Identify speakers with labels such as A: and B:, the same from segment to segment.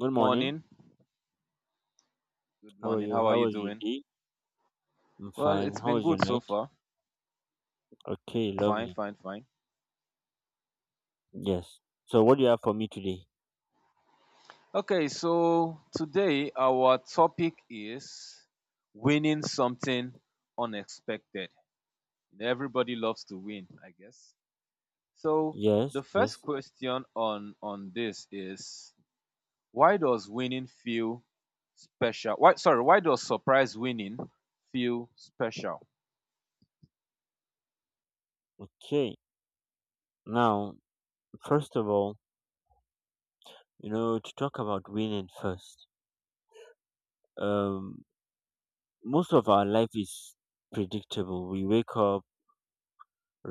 A: Good morning.
B: morning. Good
A: How are
B: morning.
A: you?
B: How are
A: How
B: you
A: was your
B: doing?
A: day? I'm
B: Well,
A: fine.
B: it's
A: How
B: been
A: was your
B: good so
A: night?
B: far.
A: Okay,
B: Fine,
A: lovely.
B: fine, fine.
A: Yes. So, what do you have for me today?
B: Okay, so today our topic is winning something unexpected. Everybody loves to win, I guess. So
A: Yes,
B: the first
A: yes.
B: question on this is why does winning feel special? Why does surprise winning feel special?
A: Okay. Now, first of all, you know, to talk about winning first, um, most of our life is predictable. We wake up,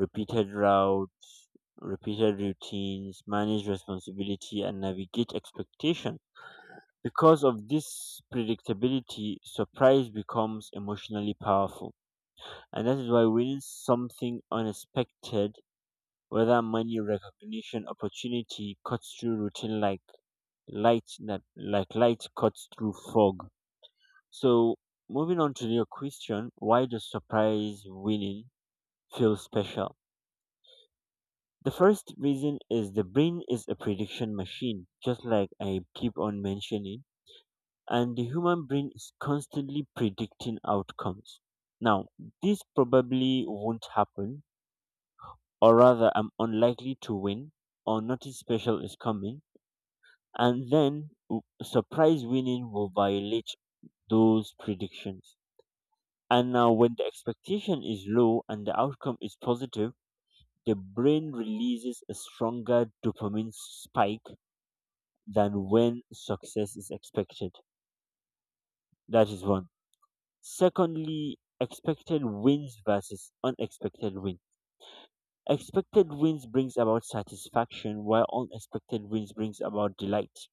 A: repeated routes, repeated routines, manage responsibility, and navigate expectation. Because of this predictability, surprise becomes emotionally powerful. And that is why winning something unexpected, whether money, recognition, opportunity, cuts through routine like light that like light cuts through fog. So moving on to your question, why does surprise winning feel special? The first reason is the brain is a prediction machine, just like I keep on mentioning, and the human brain is constantly predicting outcomes. Now, this probably won't happen, or rather I'm unlikely to win, or nothing special is coming, and then surprise winning will violate those predictions. And now, when the expectation is low and the outcome is positive, the brain releases a stronger dopamine spike than when success is expected. That is one. Secondly, expected wins versus unexpected win. Expected wins brings about satisfaction, while unexpected wins brings about delight.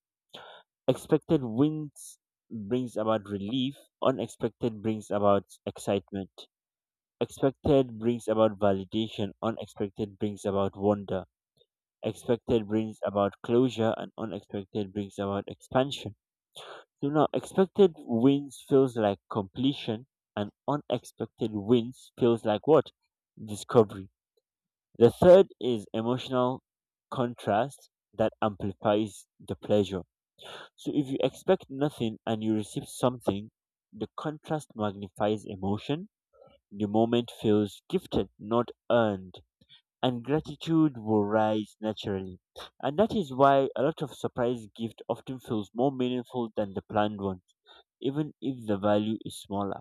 A: Expected wins brings about relief, unexpected brings about excitement. Expected brings about validation, unexpected brings about wonder. Expected brings about closure and unexpected brings about expansion. So now expected wins feels like completion and unexpected wins feels like what? Discovery. The third is emotional contrast that amplifies the pleasure. So if you expect nothing and you receive something, the contrast magnifies emotion. The moment feels gifted, not earned, and gratitude will rise naturally. And that is why a lot of surprise gift often feels more meaningful than the planned ones, even if the value is smaller.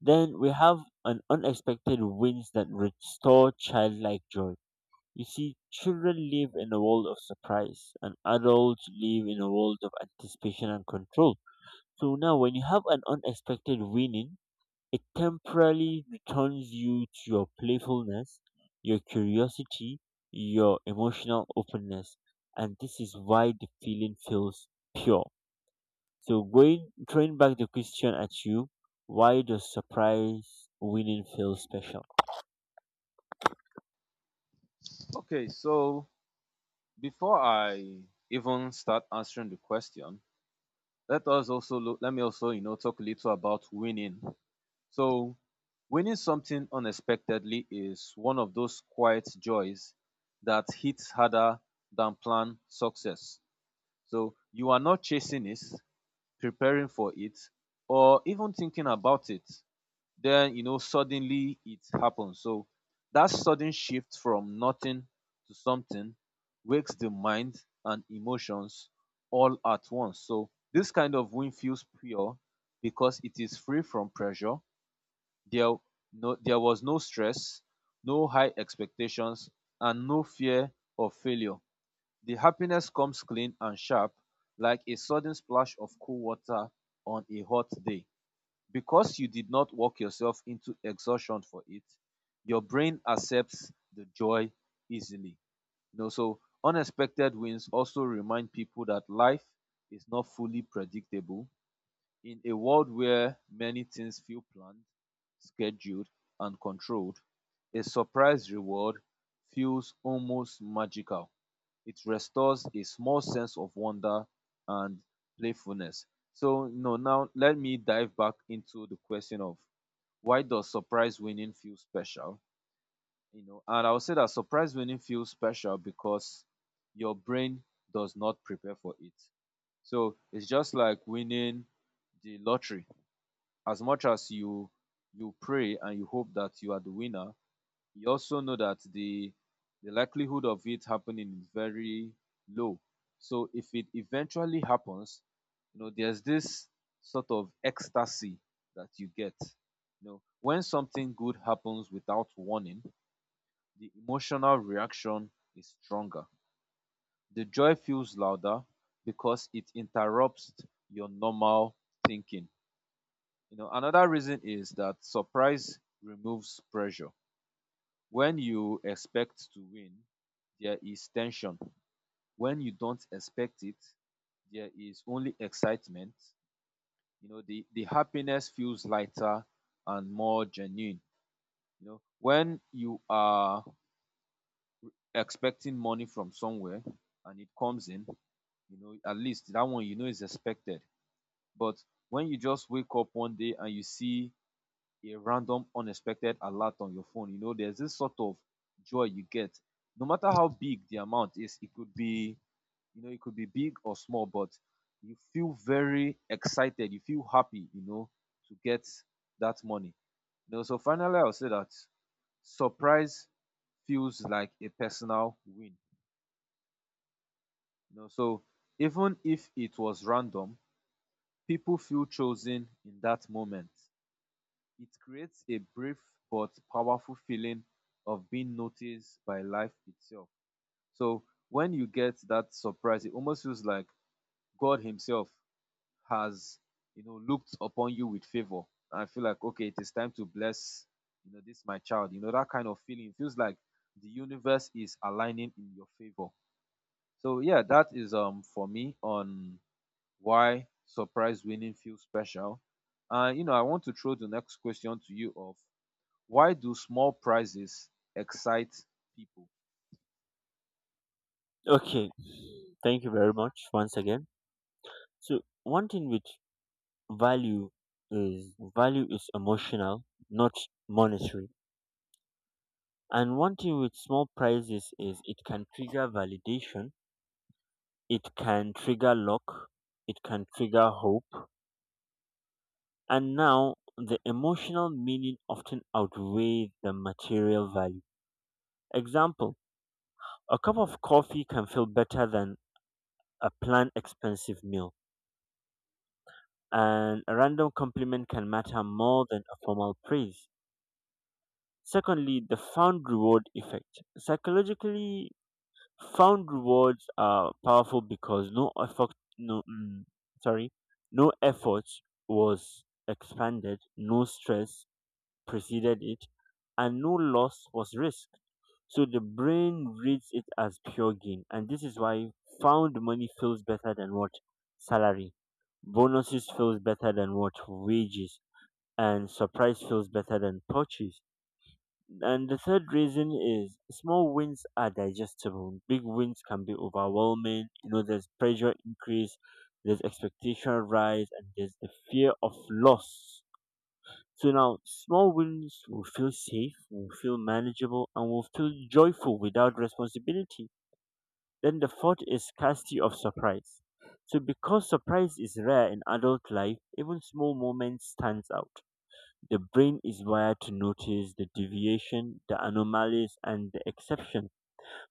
A: Then we have an unexpected wins that restore childlike joy. You see, children live in a world of surprise, and adults live in a world of anticipation and control. So now, when you have an unexpected winning, it temporarily returns you to your playfulness, your curiosity, your emotional openness. And this is why the feeling feels pure. So, throwing back the question at you, why does surprise winning feel special?
B: Okay, so before I even start answering the question, let me also talk a little about winning. So winning something unexpectedly is one of those quiet joys that hits harder than planned success. So you are not chasing it, preparing for it, or even thinking about it, then suddenly it happens. So that sudden shift from nothing to something wakes the mind and emotions all at once. So this kind of win feels pure because it is free from pressure. there no there was no stress, no high expectations, and no fear of failure. The happiness comes clean and sharp, like a sudden splash of cool water on a hot day. Because you did not work yourself into exhaustion for it, your brain accepts the joy easily. So unexpected wins also remind people that life is not fully predictable. In a world where many things feel planned, scheduled, and controlled, a surprise reward feels almost magical. It restores a small sense of wonder and playfulness. So, now let me dive back into the question of why does surprise winning feel special? And I would say that surprise winning feels special because your brain does not prepare for it. So it's just like winning the lottery. As much as you pray and you hope that you are the winner, he also know that the likelihood of it happening is very low. So if it eventually happens, there's this sort of ecstasy that you get. When something good happens without warning, the emotional reaction is stronger. The joy feels louder because it interrupts your normal thinking. Another reason is that surprise removes pressure. When you expect to win, there is tension. When you don't expect it, there is only excitement. The happiness feels lighter and more genuine. When you are expecting money from somewhere and it comes in, at least that one, is expected. But when you just wake up one day and you see a random unexpected alert on your phone, there's this sort of joy you get. No matter how big the amount is, it could be, it could be big or small, but you feel very excited, you feel happy, to get that money. So finally I'll say that surprise feels like a personal win. So even if it was random, people feel chosen in that moment. It creates a brief but powerful feeling of being noticed by life itself. So when you get that surprise, it almost feels like God Himself has, looked upon you with favor. I feel like, okay, it is time to bless, this my child. That kind of feeling. It feels like the universe is aligning in your favor. So yeah, that is for me on why surprise winning feels special. And I want to throw the next question to you of why do small prizes excite people?
A: Okay, thank you very much once again. So, one thing with value value is emotional, not monetary. And one thing with small prizes is it can trigger validation, it can trigger luck, it can trigger hope. And now the emotional meaning often outweighs the material value. Example, a cup of coffee can feel better than a planned expensive meal, and a random compliment can matter more than a formal praise. Secondly, the found reward effect. Psychologically, found rewards are powerful because no effort no mm, sorry no effort was expanded, no stress preceded it, and no loss was risked. So the brain reads it as pure gain, and this is why found money feels better than what? Salary bonuses feels better than what? Wages. And surprise feels better than purchase. And the third reason is small wins are digestible. Big wins can be overwhelming. You know, there's pressure increase, there's expectation rise, and there's the fear of loss. So now, small wins will feel safe, will feel manageable, and will feel joyful without responsibility. Then the fourth is scarcity of surprise. So because surprise is rare in adult life, even small moments stands out. The brain is wired to notice the deviation, the anomalies, and the exception.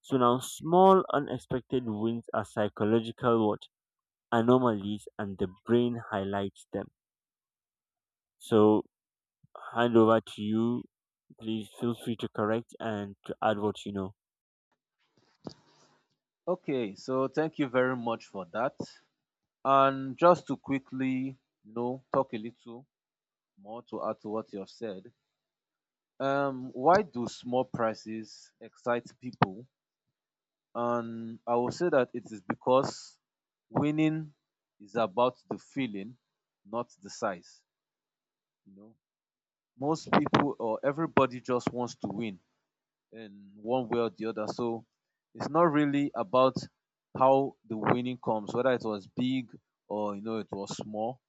A: So now, small unexpected wins are psychological what? Anomalies. And the brain highlights them. So, hand over to you. Please feel free to correct and to add what you know.
B: Okay, so thank you very much for that. And just to quickly, talk a little more to add to what you have said. Why do small prizes excite people? And I will say that it is because winning is about the feeling, not the size. You know, most people or everybody just wants to win in one way or the other. So it's not really about how the winning comes, whether it was big or it was small,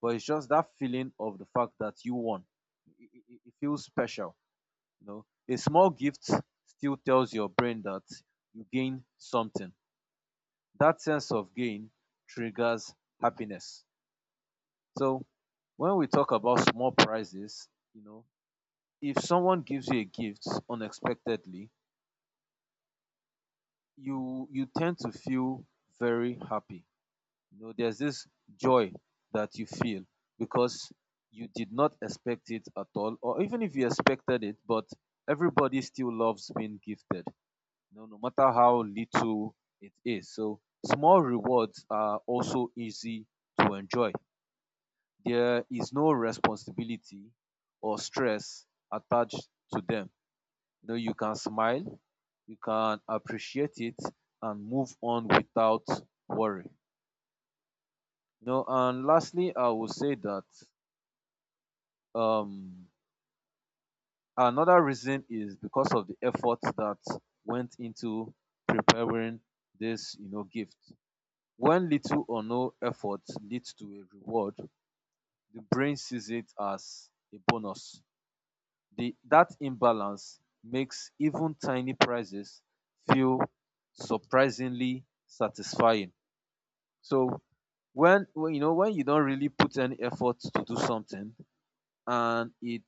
B: but it's just that feeling of the fact that you won. It feels special. A small gift still tells your brain that you gain something. That sense of gain triggers happiness. So when we talk about small prizes, you know, if someone gives you a gift unexpectedly, you tend to feel very happy. There's this joy that you feel because you did not expect it at all, or even if you expected it, but everybody still loves being gifted, no matter how little it is. So small rewards are also easy to enjoy. There is no responsibility or stress attached to them. You can smile, you can appreciate it, and move on without worry. And lastly, I will say that um another reason is because of the effort that went into preparing this gift. When little or no effort leads to a reward, the brain sees it as a bonus. That imbalance makes even tiny prizes feel surprisingly satisfying. So when when you don't really put any effort to do something and it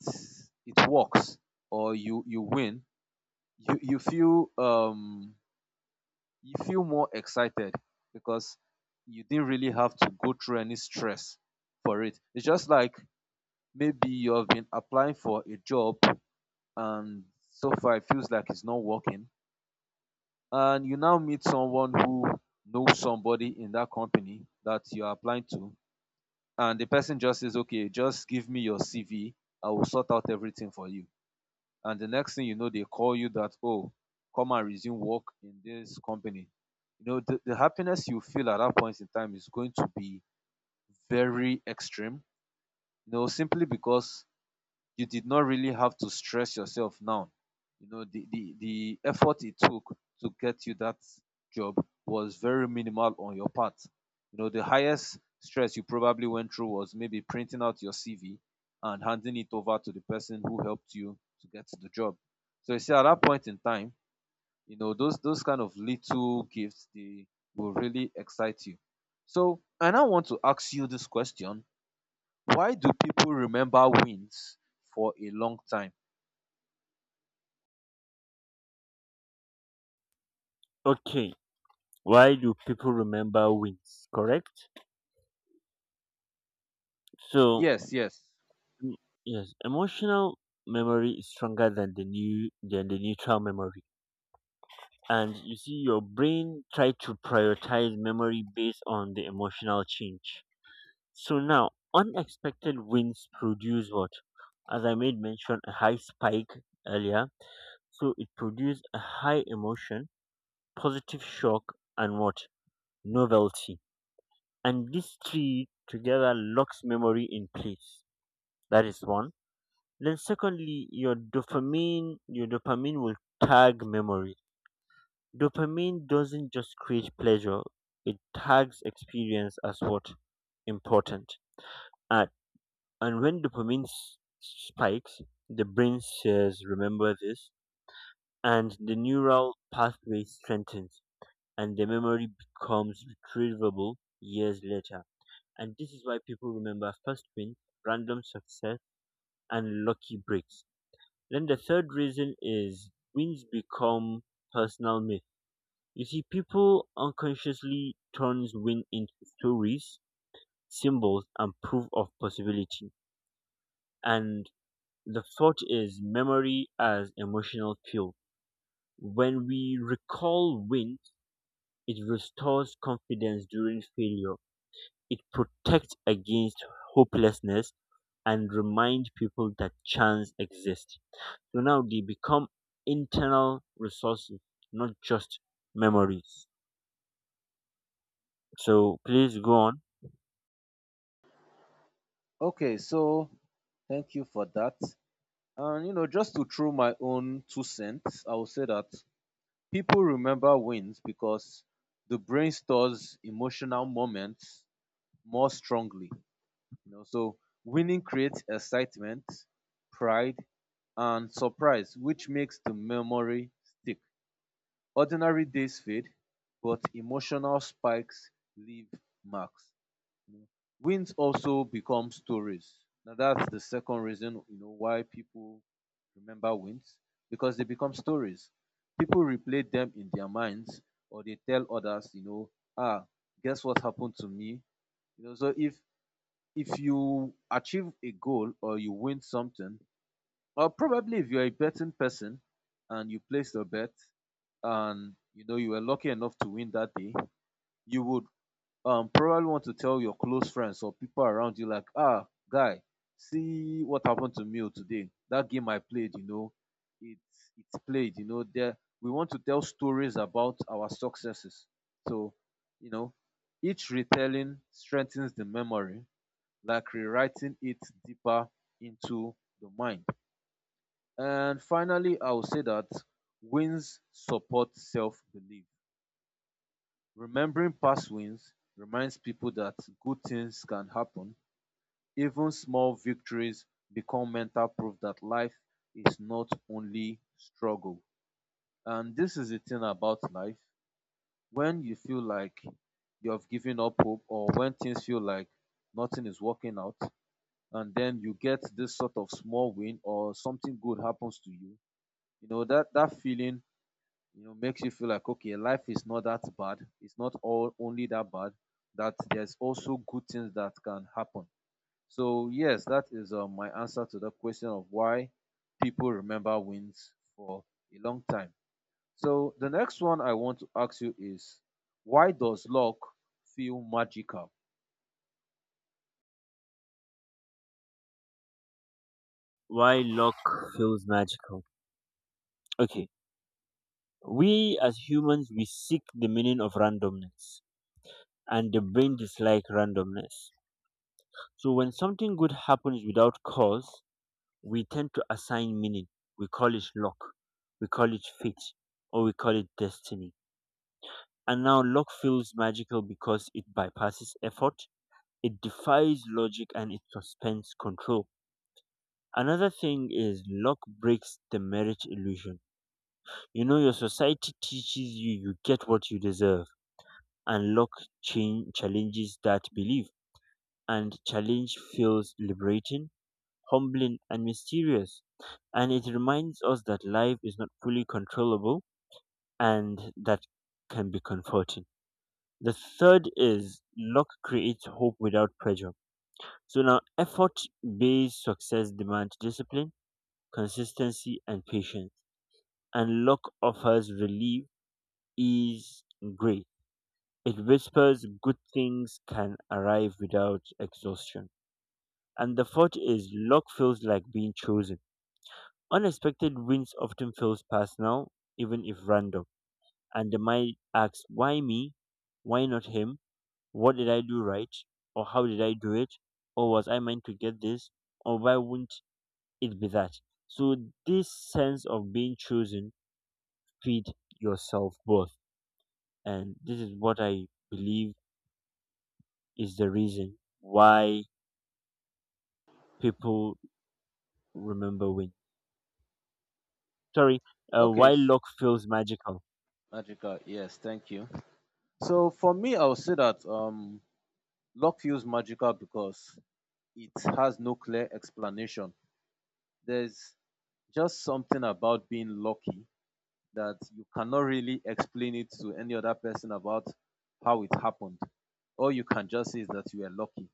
B: it works or you win, you you feel more excited because you didn't really have to go through any stress for it. It's just like maybe you have been applying for a job, and so far it feels like it's not working. And you now meet someone who knows somebody in that company that you're applying to, and the person just says, "Okay, just give me your CV, I will sort out everything for you." And the next thing you know, they call you that, "Oh, come and resume work in this company." The happiness you feel at that point in time is going to be very extreme, simply because you did not really have to stress yourself now. The effort it took to get you that job was very minimal on your part. The highest stress you probably went through was maybe printing out your CV and handing it over to the person who helped you to get the job. So you see, at that point in time, those kind of little gifts they will really excite you. So I now want to ask you this question: why do people remember wins for a long time?
A: Okay, why do people remember wins? Correct. So,
B: Yes, yes.
A: mm, yes, emotional memory is stronger than the neutral memory. And you see your brain try to prioritize memory based on the emotional change. So now unexpected wins produce what? As I made mention, a high spike earlier. So it produced a high emotion, positive shock, and what? Novelty. And these three together locks memory in place. That is one. Then secondly, your dopamine will tag memory. Dopamine doesn't just create pleasure, it tags experience as what? Important. And, and when spikes, the brain says, remember this, and the neural pathway strengthens, and the memory becomes retrievable years later. And this is why people remember first win, random success, and lucky breaks. Then the third reason is wins become personal myths. You see, people unconsciously turns win into stories, symbols, and proof of possibility. And the thought is memory as emotional fuel. When we recall win, it restores confidence during failure. It protects against hopelessness and reminds people that chance exists. So now they become internal resources, not just memories. So please go on.
B: Okay, so thank you for that. And just to throw my own two cents, I will say that people remember wins because the brain stores emotional moments more strongly. So winning creates excitement, pride, and surprise, which makes the memory stick. Ordinary days fade, but emotional spikes leave marks. You know, wins also become stories. Now that's the second reason why people remember wins, because they become stories. People replay them in their minds, or they tell others, ah, guess what happened to me. So if you achieve a goal or you win something, or probably if you're a betting person and you placed a bet and you were lucky enough to win that day, you would probably want to tell your close friends or people around you like, ah, guy, see what happened to me oh today. That game I played, it's played, there we want to tell stories about our successes. So, you know, each retelling strengthens the memory, like rewriting it deeper into the mind. And finally, I will say that wins support self belief. Remembering past wins reminds people that good things can happen. Even small victories become mental proof that life is not only struggle. And this is the thing about life. When you feel like you have given up hope, or when things feel like nothing is working out, and then you get this sort of small win or something good happens to you, that feeling makes you feel like, okay, life is not that bad, it's not all only that bad, that there's also good things that can happen. So yes, that is my answer to the question of why people remember wins for a long time. So the next one I want to ask you is why does luck feel magical?
A: Why luck feels magical. Okay, we as humans we seek the meaning of randomness, and the brain dislike randomness. So when something good happens without cause, we tend to assign meaning. We call it luck, we call it fate, or we call it destiny. And now luck feels magical because it bypasses effort, it defies logic, and it suspends control. Another thing is luck breaks the marriage illusion. You know, your society teaches you you get what you deserve, and luck challenges that belief. And challenge feels liberating, humbling, and mysterious. And it reminds us that life is not fully controllable, and that can be comforting. The third is luck creates hope without pressure. So now, effort based success demands discipline, consistency, and patience. And luck offers relief, ease, and grace. It whispers good things can arrive without exhaustion. And the fourth is luck feels like being chosen. Unexpected wins often feels personal, even if random. And the mind asks, why me? Why not him? What did I do right? Or how did I do it? Or was I meant to get this? Or why wouldn't it be that? So this sense of being chosen feed yourself both. And this is what I believe is the reason why people remember win. Sorry,
B: Okay,
A: why luck feels magical.
B: magical, yes, thank you. So for me I would say that luck feels magical because it has no clear explanation. There's just something about being lucky that you cannot really explain it to any other person about how it happened. All you can just say is that you are lucky.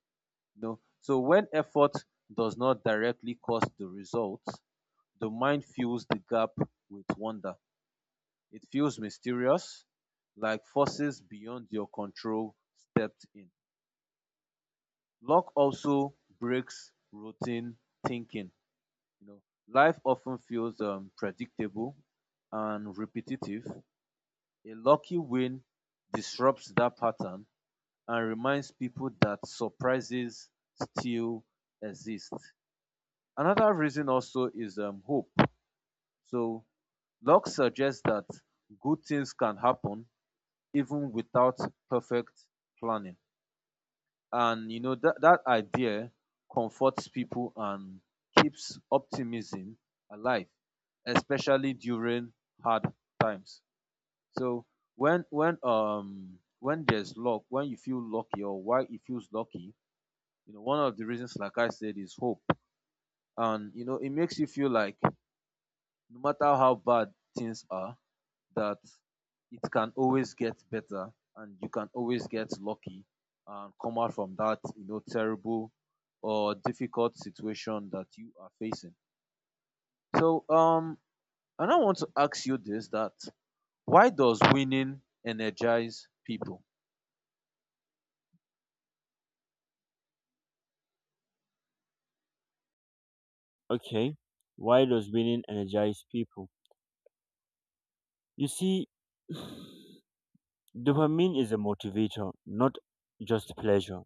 B: You know? So when effort does not directly cause the results, the mind fills the gap with wonder. It feels mysterious, like forces beyond your control stepped in. Luck also breaks routine thinking. You know, life often feels predictable and repetitive. A lucky win disrupts that pattern and reminds people that surprises still exist. Another reason also is hope. So, luck suggests that good things can happen even without perfect planning. And you know that idea comforts people and keeps optimism alive, especially during hard times. So when there's luck, when you feel lucky or why it feels lucky, you know, one of the reasons, like I said, is hope. And you know, it makes you feel like no matter how bad things are, that it can always get better and you can always get lucky and come out from that, you know, terrible or difficult situation that you are facing. So um and I want to ask you this, that why does winning energize people?
A: Okay, why does winning energize people? You see, dopamine is a motivator, not just pleasure.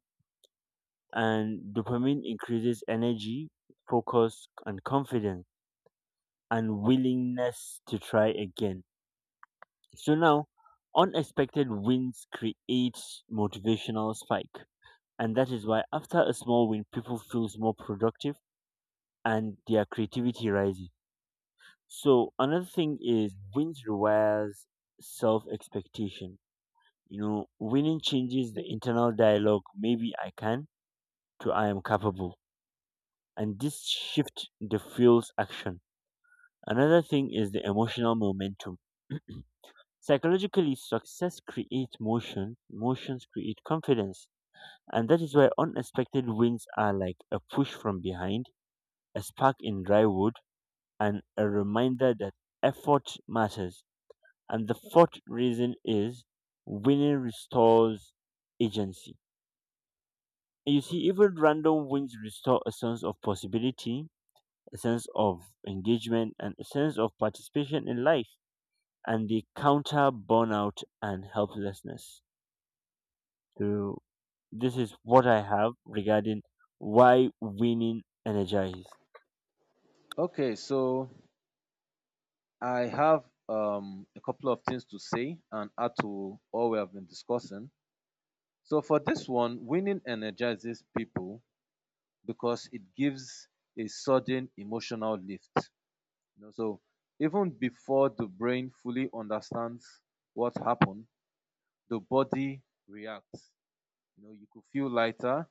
A: And dopamine increases energy, focus, and confidence, and willingness to try again. So now, unexpected wins create motivational spike. And that is why after a small win, people feels more productive and their creativity rises. So another thing is wins requires self expectation. You know, winning changes the internal dialogue, maybe I can to I am capable. And this shift the fuels action. Another thing is the emotional momentum. Psychologically, success creates motion, motions create confidence. And that is why unexpected wins are like a push from behind, a spark in dry wood, and a reminder that effort matters. And the fourth reason is winning restores agency. And you see, even random wins restore a sense of possibility, a sense of engagement, and a sense of participation in life. And they counter burnout and helplessness. So, this is what I have regarding why winning energizes.
B: Okay, so I have a couple of things to say and add to all we have been discussing. So, for this one, winning energizes people because it gives a sudden emotional lift. You know, so, even before the brain fully understands what happened, the body reacts. You know, you could feel lighter,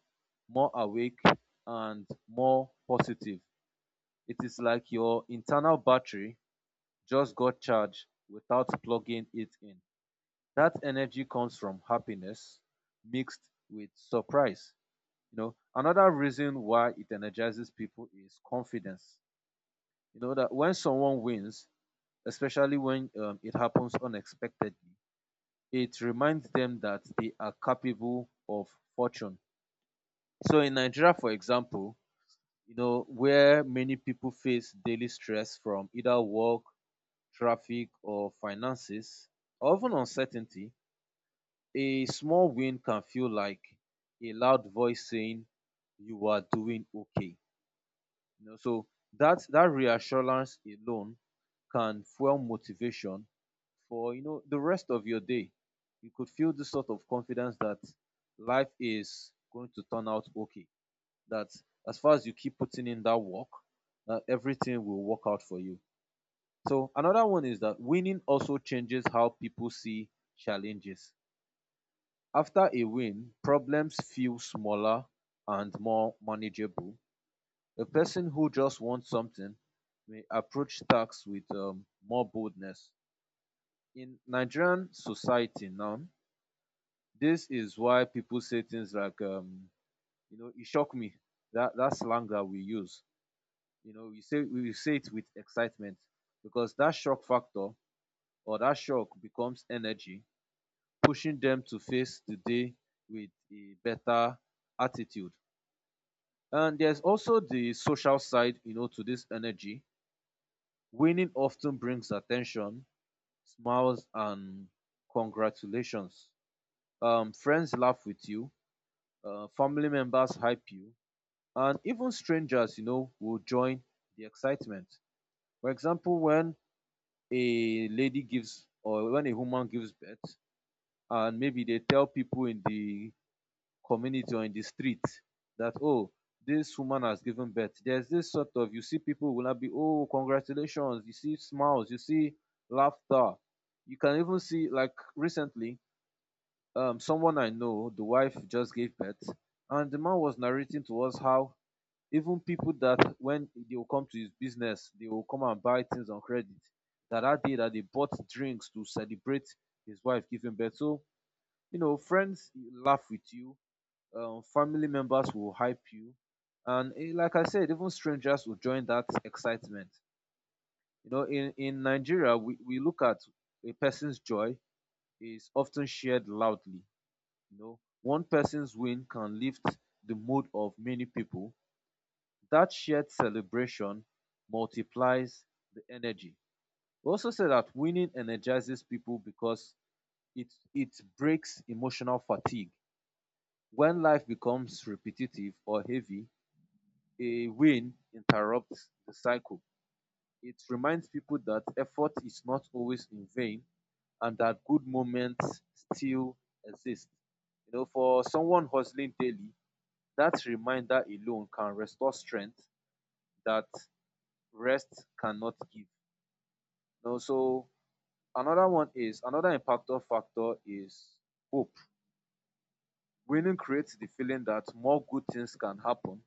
B: more awake, and more positive. It is like your internal battery just got charged without plugging it in. That energy comes from happiness mixed with surprise. You know, another reason why it energizes people is confidence. You know that when someone wins, especially when it happens unexpectedly, it reminds them that they are capable of fortune. So in Nigeria, for example, you know, where many people face daily stress from either work, traffic, or finances, or even uncertainty, a small win can feel like a loud voice saying you are doing okay. You know, so that reassurance alone can fuel motivation for, you know, the rest of your day. You could feel this sort of confidence that life is going to turn out okay. That as far as you keep putting in that work, everything will work out for you. So another one is that winning also changes how people see challenges. After a win, problems feel smaller and more manageable. A person who just wants something may approach tasks with more boldness. In Nigerian society now, this is why people say things like, you know, it shocked me. That slang that we use, you know, we say it with excitement because that shock factor or that shock becomes energy pushing them to face the day with a better attitude. And there's also the social side, you know, to this energy. Winning often brings attention, smiles, and congratulations. Friends laugh with you, family members hype you, and even strangers, you know, will join the excitement. For example, when a lady gives or when a woman gives birth, and maybe they tell people in the community or in the street that, oh, this woman has given birth, there's this sort of, you see, people will not be, oh, congratulations, you see smiles, you see laughter. You can even see, like, recently someone I know, the wife just gave birth, and the man was narrating to us how even people that when they will come to his business, they will come and buy things on credit, that that day that they bought drinks to celebrate his wife giving birth. So, you know, friends laugh with you, family members will hype you, and like I said, even strangers will join that excitement. You know, in Nigeria, we look at a person's joy is often shared loudly. You know, one person's win can lift the mood of many people. That shared celebration multiplies the energy. We also say that winning energizes people because it it breaks emotional fatigue. When life becomes repetitive or heavy, a win interrupts the cycle. It reminds people that effort is not always in vain and that good moments still exist. You know, for someone hustling daily, that reminder alone can restore strength that rest cannot give. You know, so another one is, another impactor factor is hope. Winning creates the feeling that more good things can happen.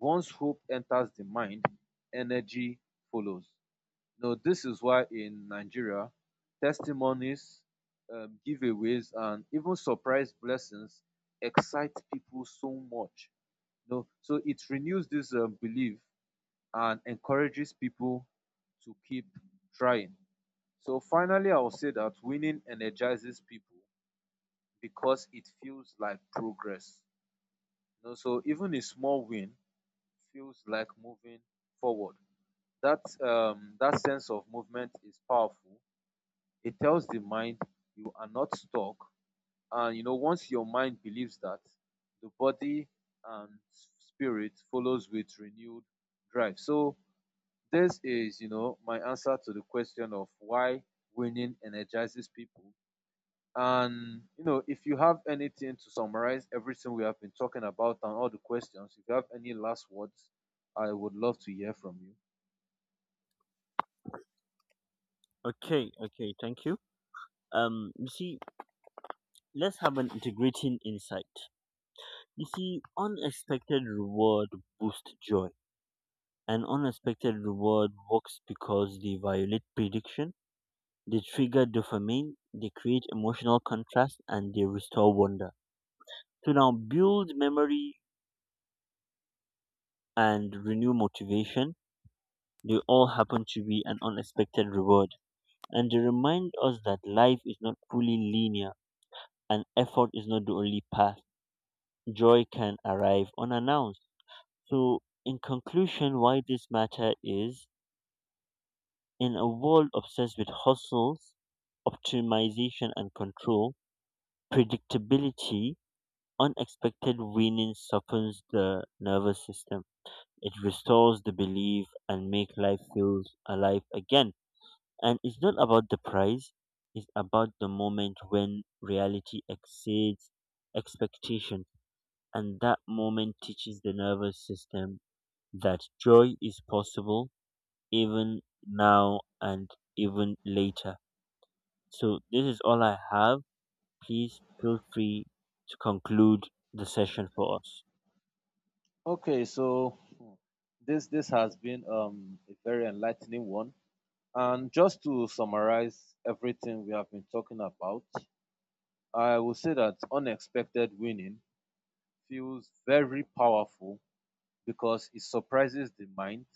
B: Once hope enters the mind, energy follows. You know, this is why in Nigeria, testimonies, giveaways, and even surprise blessings excite people so much. You know, so it renews this belief and encourages people to keep trying. So finally, I will say that winning energizes people because it feels like progress. You know, so even a small win feels like moving forward. That sense of movement is powerful. It tells the mind you are not stuck. And you know, once your mind believes that, the body and spirit follows with renewed drive. So this is, you know, my answer to the question of why winning energizes people. And you know, if you have anything to summarize everything we have been talking about and all the questions, if you have any last words, I would love to hear from you.
A: Okay, okay, thank you. You see, let's have an integrating insight. You see, unexpected reward boosts joy. An unexpected reward works because they violate prediction, they trigger dopamine, they create emotional contrast, and they restore wonder. To now build memory and renew motivation, they all happen to be an unexpected reward. And they remind us that life is not fully linear and effort is not the only path. Joy can arrive unannounced. So, in conclusion, why this matter is: in a world obsessed with hustles, optimization, and control, predictability, unexpected winning softens the nervous system. It restores the belief and make life feels alive again. And it's not about the prize; it's about the moment when reality exceeds expectation. And that moment teaches the nervous system that joy is possible even now and even later. So this is all I have. Please feel free to conclude the session for us.
B: Okay, so, hmm, this has been a very enlightening one. And just to summarize everything we have been talking about, I will say that unexpected winning feels very powerful because it surprises the mind,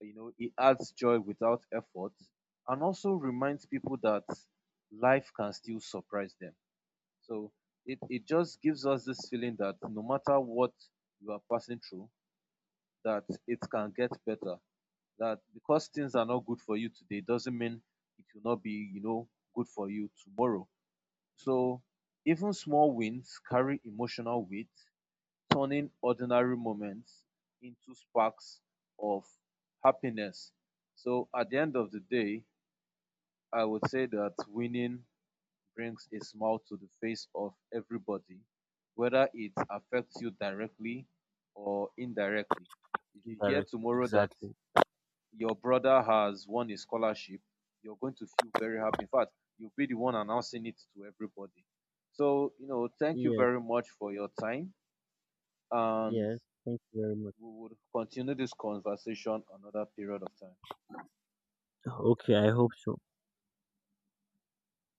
B: you know, it adds joy without effort, and also reminds people that life can still surprise them. So it just gives us this feeling that no matter what you are passing through, that it can get better, that because things are not good for you today doesn't mean it will not be, you know, good for you tomorrow. So even small wins carry emotional weight, turning ordinary moments into sparks of happiness. So at the end of the day, I would say that winning brings a smile to the face of everybody, whether it affects you directly or indirectly. If you hear
A: Indirectly,
B: tomorrow that
A: exactly.
B: your brother has won a scholarship, you're going to feel very happy. In fact, you'll be the one announcing it to everybody. So, you know, thank you
A: Yes,
B: very much for your time, and
A: yes. Thank you very much.
B: we will continue this conversation another period of time.
A: Okay, I hope so.